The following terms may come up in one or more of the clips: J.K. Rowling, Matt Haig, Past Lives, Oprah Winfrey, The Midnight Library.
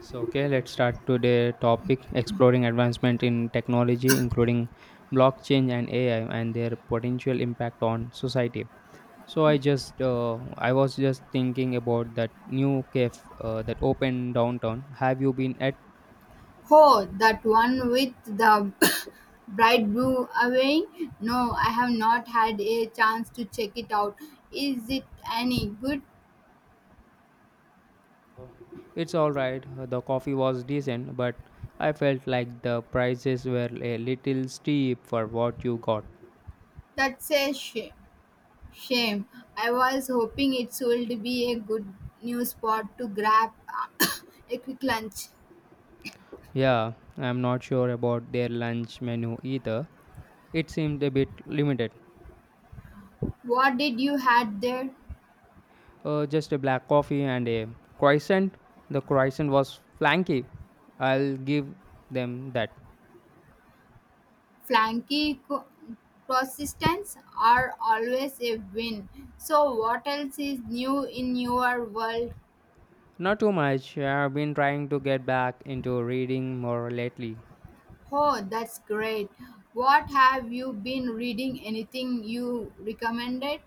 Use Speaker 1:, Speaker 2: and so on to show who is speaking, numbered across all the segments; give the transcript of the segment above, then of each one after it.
Speaker 1: So, okay, let's start today topic exploring advancement in technology, including blockchain and AI and their potential impact on society. So, I was just thinking about that new cafe that opened downtown. Have you been at?
Speaker 2: Oh, that one with the bright blue away? No, I have not had a chance to check it out. Is it any good?
Speaker 1: It's all right. The coffee was decent, but I felt like the prices were a little steep for what you got.
Speaker 2: That's a shame. I was hoping it would be a good new spot to grab a quick lunch.
Speaker 1: Yeah, I'm not sure about their lunch menu either. It seemed a bit limited.
Speaker 2: What did you had there?
Speaker 1: Just a black coffee and a croissant. The croissant was flanky. I'll give them that.
Speaker 2: Flanky persistence are always a win. So, what else is new in your world?
Speaker 1: Not too much. I've been trying to get back into reading more lately.
Speaker 2: Oh, that's great. What have you been reading? Anything you recommended?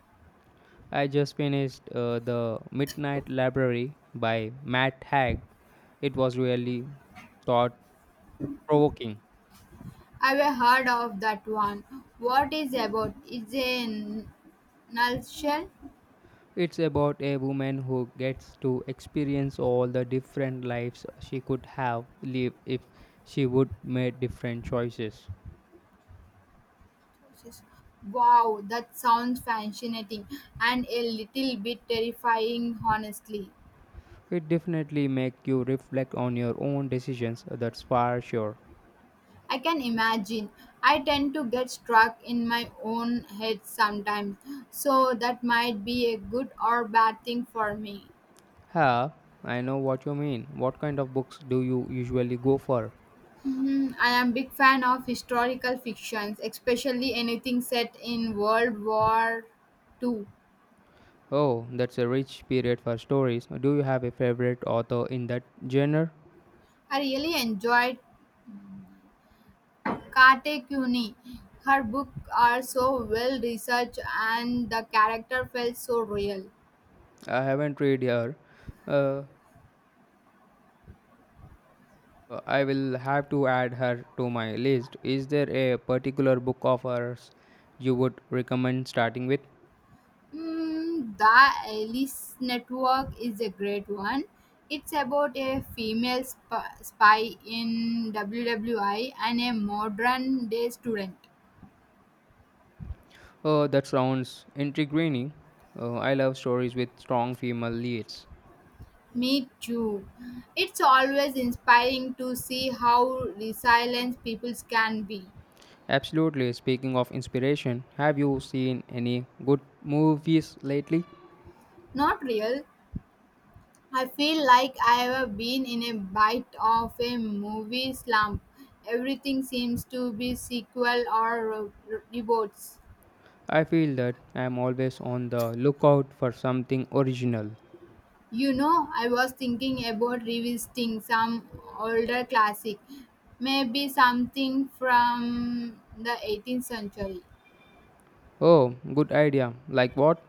Speaker 1: I just finished The Midnight Library by Matt Haig. It was really thought provoking.
Speaker 2: I've heard of that one. What is about? It's a nutshell.
Speaker 1: It's about a woman who gets to experience all the different lives she could have lived if she would made different choices.
Speaker 2: Wow, that sounds fascinating and a little bit terrifying, honestly.
Speaker 1: It definitely make you reflect on your own decisions, that's for sure.
Speaker 2: I can imagine. I tend to get stuck in my own head sometimes, so that might be a good or bad thing for me.
Speaker 1: Ha, I know what you mean. What kind of books do you usually go for?
Speaker 2: Mhm. I am big fan of historical fictions, especially anything set in World War Two.
Speaker 1: Oh, that's a rich period for stories. Do you have a favorite author in that genre?
Speaker 2: I really enjoyed Kate Kuni. Her books are so well researched and the character felt so real.
Speaker 1: I haven't read her. Uh, I will have to add her to my list. Is there a particular book of hers you would recommend starting with?
Speaker 2: The Alice Network is a great one. It's about a female spy in WWI and a modern day student.
Speaker 1: Oh, that sounds intriguing. I love stories with strong female leads.
Speaker 2: Me too. It's always inspiring to see how resilient people can be.
Speaker 1: Absolutely. Speaking of inspiration, have you seen any good movies lately?
Speaker 2: Not real. I feel like I have been in a bite of a movie slump. Everything seems to be sequel or reboots.
Speaker 1: I feel that I am always on the lookout for something original.
Speaker 2: You know, I was thinking about revisiting some older classic, maybe something from the 18th century.
Speaker 1: Oh, good idea. Like what?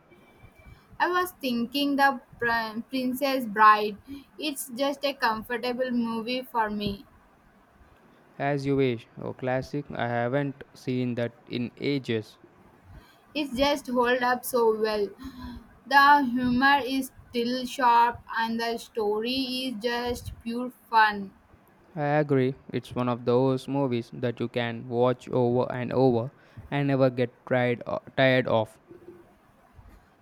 Speaker 2: I was thinking the Princess Bride. It's just a comfortable movie for me.
Speaker 1: As you wish. Oh, classic. I haven't seen that in ages.
Speaker 2: It just hold up so well. The humor is still sharp and the story is just pure fun.
Speaker 1: I agree. It's one of those movies that you can watch over and over and never get tried tired of.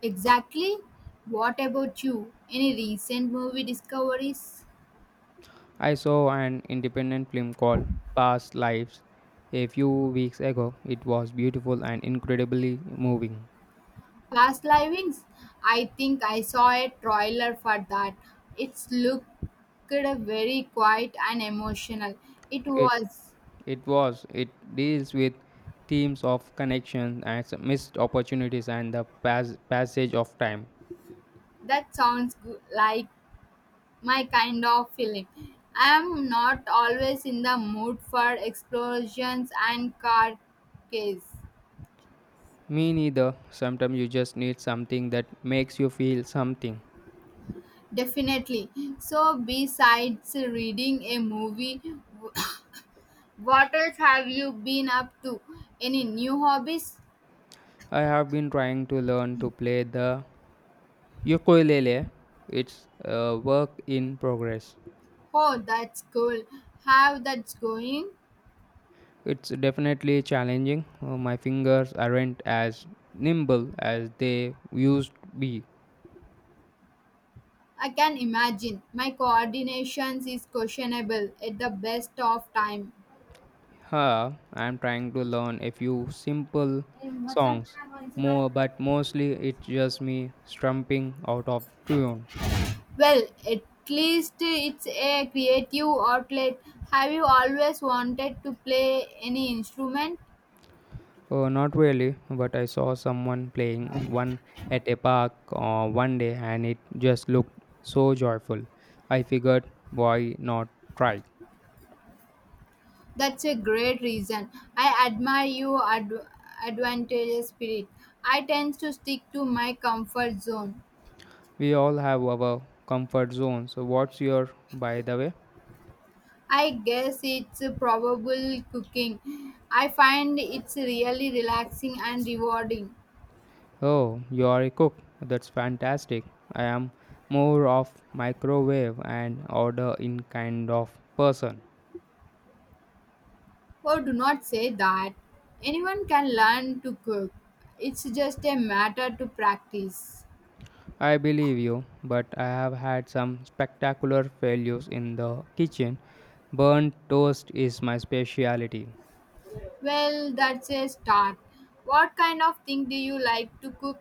Speaker 2: Exactly. What about you? Any recent movie discoveries?
Speaker 1: I saw an independent film called Past Lives a few weeks ago. It was beautiful and incredibly moving.
Speaker 2: Past livings? I think I saw a trailer for that. It's looked very quiet and emotional. It
Speaker 1: It,
Speaker 2: was.
Speaker 1: it was. It deals with themes of connection and some missed opportunities and the passage of time.
Speaker 2: That sounds good, like my kind of film. I'm not always in the mood for explosions and car chases.
Speaker 1: Me neither. Sometimes you just need something that makes you feel something.
Speaker 2: Definitely. So, besides reading a movie, what else have you been up to? Any new hobbies?
Speaker 1: I have been trying to learn to play the ukulele. It's a work in progress.
Speaker 2: Oh, that's cool. How that's going?
Speaker 1: It's definitely challenging. My fingers aren't as nimble as they used to be.
Speaker 2: I can imagine. My coordination is questionable at the best of time.
Speaker 1: Huh, I'm trying to learn a few simple songs more, but mostly it's just me strumping out of tune.
Speaker 2: Well, at least it's a creative outlet. Have you always wanted to play any instrument?
Speaker 1: Not really, but I saw someone playing one at a park one day and it just looked so joyful. I figured, why not try?
Speaker 2: That's a great reason. I admire your advantageous spirit. I tend to stick to my comfort zone.
Speaker 1: We all have our comfort zones. So what's your, by the way?
Speaker 2: I guess it's probable cooking. I find it's really relaxing and rewarding.
Speaker 1: Oh, you are a cook. That's fantastic. I am more of microwave and order in kind of person.
Speaker 2: Oh, do not say that. Anyone can learn to cook. It's just a matter to practice.
Speaker 1: I believe you, but I have had some spectacular failures in the kitchen. Burnt toast is my specialty.
Speaker 2: Well, that's a start. What kind of thing do you like to cook?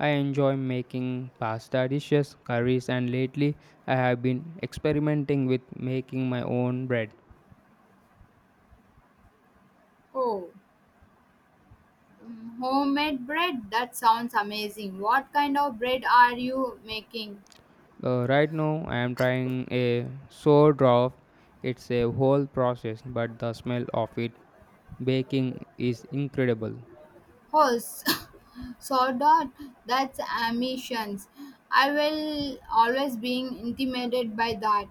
Speaker 1: I enjoy making pasta dishes, curries, and lately I have been experimenting with making my own bread.
Speaker 2: Oh, homemade bread. That sounds amazing. What kind of bread are you making?
Speaker 1: Right now, I am trying a sourdough. It's a whole process, but the smell of it baking is incredible.
Speaker 2: Horse. Sourdough. That's ambitions. I will always being intimidated by that.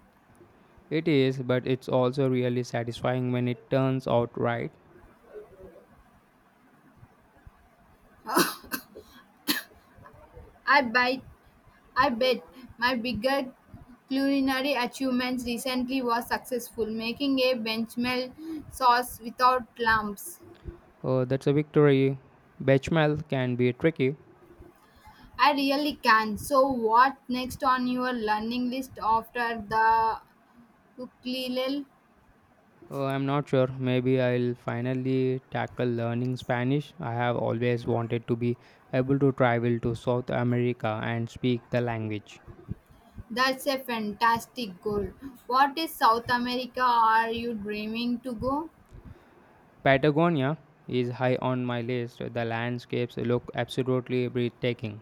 Speaker 1: It is, but it's also really satisfying when it turns out right.
Speaker 2: I bite. I bet my bigger culinary achievements recently was successful making a benchmel sauce without lumps.
Speaker 1: That's a victory. Bechamel can be tricky.
Speaker 2: I really can. So, what next on your learning list after the ukulele?
Speaker 1: I'm not sure. Maybe I'll finally tackle learning Spanish. I have always wanted to be able to travel to South America and speak the language.
Speaker 2: That's a fantastic goal. What is South America are you dreaming to go?
Speaker 1: Patagonia is high on my list. The landscapes look absolutely breathtaking.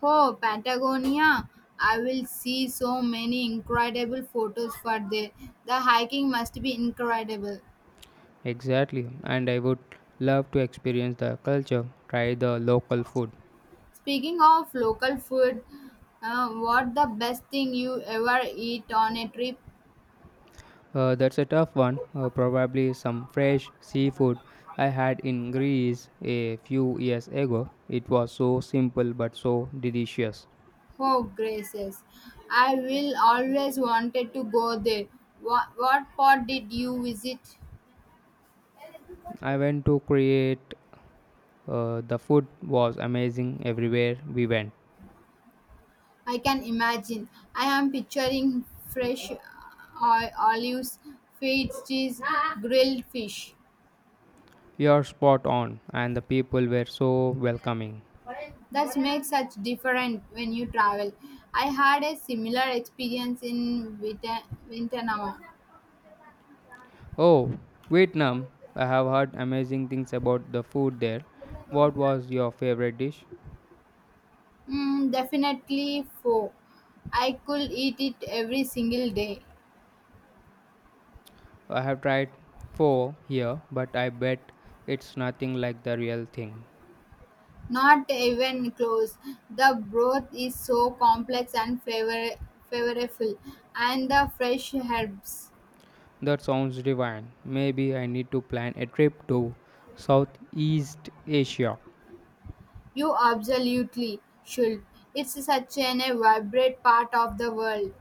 Speaker 2: Oh, Patagonia. I will see so many incredible photos for there. The hiking must be incredible.
Speaker 1: Exactly, and I would love to experience the culture, try the local food.
Speaker 2: Speaking of local food, what the best thing you ever eat on a trip?
Speaker 1: That's a tough one. Probably some fresh seafood I had in Greece a few years ago. It was so simple but so delicious.
Speaker 2: Oh, gracious. I will always wanted to go there. What part did you visit?
Speaker 1: I went to create, the food was amazing everywhere we went.
Speaker 2: I can imagine. I am picturing fresh olives, feta cheese, grilled fish.
Speaker 1: You're spot on, and the people were so welcoming.
Speaker 2: That makes such different when you travel. I had a similar experience in Vietnam.
Speaker 1: Oh, Vietnam. I have heard amazing things about the food there. What was your favorite dish?
Speaker 2: Definitely four. I could eat it every single day.
Speaker 1: I have tried pho here, but I bet it's nothing like the real thing.
Speaker 2: Not even close. The broth is so complex and flavorful, and the fresh herbs.
Speaker 1: That sounds divine. Maybe I need to plan a trip to Southeast Asia.
Speaker 2: You absolutely should. It's such an a vibrant part of the world.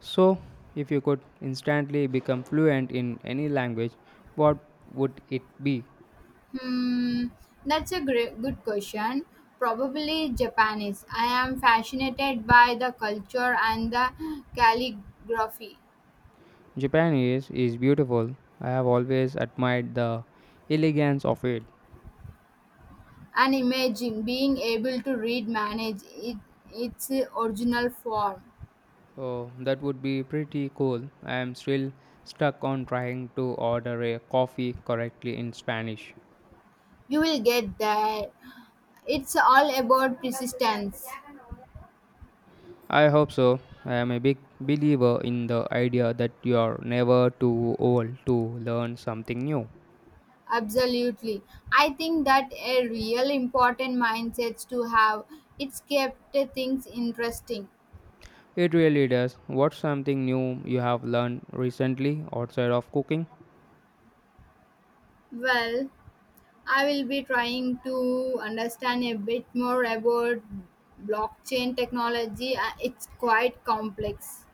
Speaker 1: So, if you could instantly become fluent in any language, what would it be?
Speaker 2: Hmm, that's a good question. Probably Japanese. I am fascinated by the culture and the calligraphy.
Speaker 1: Japanese is beautiful. I have always admired the elegance of it.
Speaker 2: And imagine being able to read manage it, its original form.
Speaker 1: Oh, that would be pretty cool. I am still stuck on trying to order a coffee correctly in Spanish.
Speaker 2: You will get that. It's all about persistence.
Speaker 1: I hope so. I am a big believer in the idea that you are never too old to learn something new.
Speaker 2: Absolutely. I think that a real important mindset to have. It's kept things interesting.
Speaker 1: It really does. What's something new you have learned recently outside of cooking?
Speaker 2: Well, I will be trying to understand a bit more about blockchain technology. It's quite complex.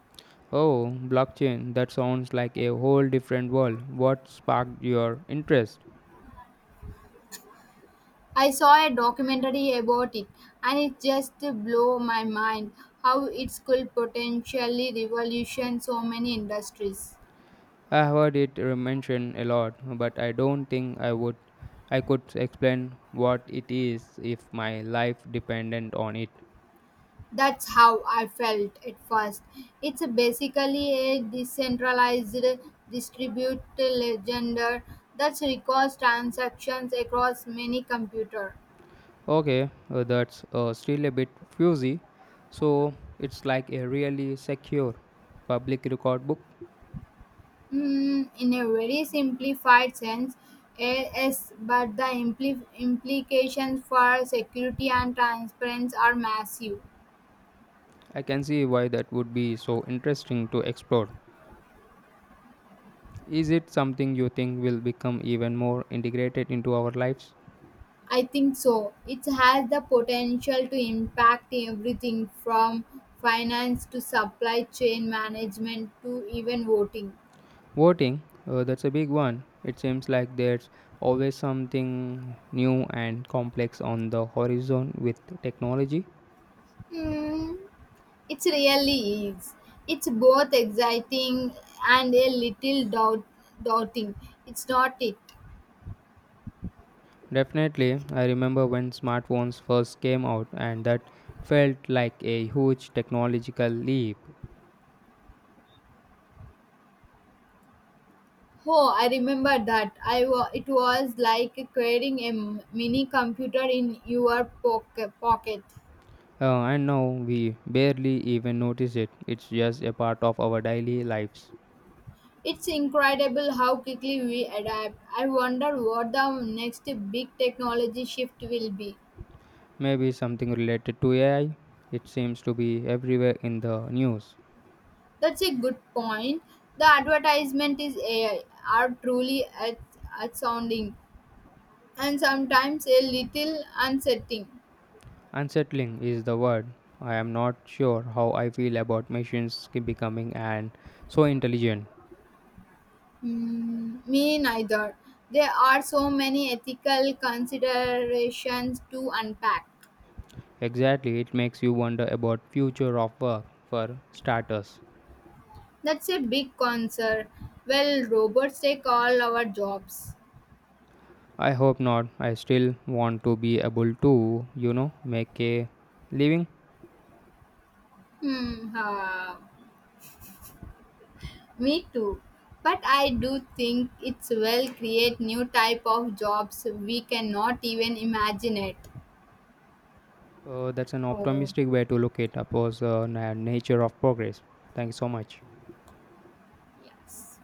Speaker 1: Oh, blockchain. That sounds like a whole different world. What sparked your interest?
Speaker 2: I saw a documentary about it and it just blew my mind how it could potentially revolution so many industries.
Speaker 1: I have heard it mentioned a lot, but I don't think I could explain what it is if my life depended on it.
Speaker 2: That's how I felt at first. It's basically a decentralized distributed ledger that records transactions across many computers.
Speaker 1: Okay, that's still a bit fuzzy. So, it's like a really secure public record book.
Speaker 2: In a very simplified sense, yes, but the implications for security and transparency are massive.
Speaker 1: I can see why that would be so interesting to explore. Is it something you think will become even more integrated into our lives?
Speaker 2: I think so. It has the potential to impact everything from finance to supply chain management to even voting.
Speaker 1: Voting, that's a big one. It seems like there's always something new and complex on the horizon with technology.
Speaker 2: Hmm, it really is. It's both exciting and a little doubting. It's not it.
Speaker 1: Definitely, I remember when smartphones first came out, and that felt like a huge technological leap.
Speaker 2: Oh, I remember that. It was like carrying a mini computer in your pocket.
Speaker 1: And now we barely even notice it, it's just a part of our daily lives.
Speaker 2: It's incredible how quickly we adapt. I wonder what the next big technology shift will be.
Speaker 1: Maybe something related to AI, it seems to be everywhere in the news.
Speaker 2: That's a good point. The advertisement is AI are truly at astounding and sometimes a little unsettling.
Speaker 1: Unsettling is the word. I am not sure how I feel about machines keep becoming and so intelligent.
Speaker 2: Hmm, me neither. There are so many ethical considerations to unpack.
Speaker 1: Exactly, it makes you wonder about future of work for starters.
Speaker 2: That's a big concern. Will robots take all our jobs?
Speaker 1: I hope not. I still want to be able to, you know, make a living.
Speaker 2: Hmm. Ha. Me too. But I do think it's will create new type of jobs we cannot even imagine it.
Speaker 1: That's an
Speaker 2: Oh,
Speaker 1: optimistic way to look at nature of progress. Thank you so much.
Speaker 2: yes.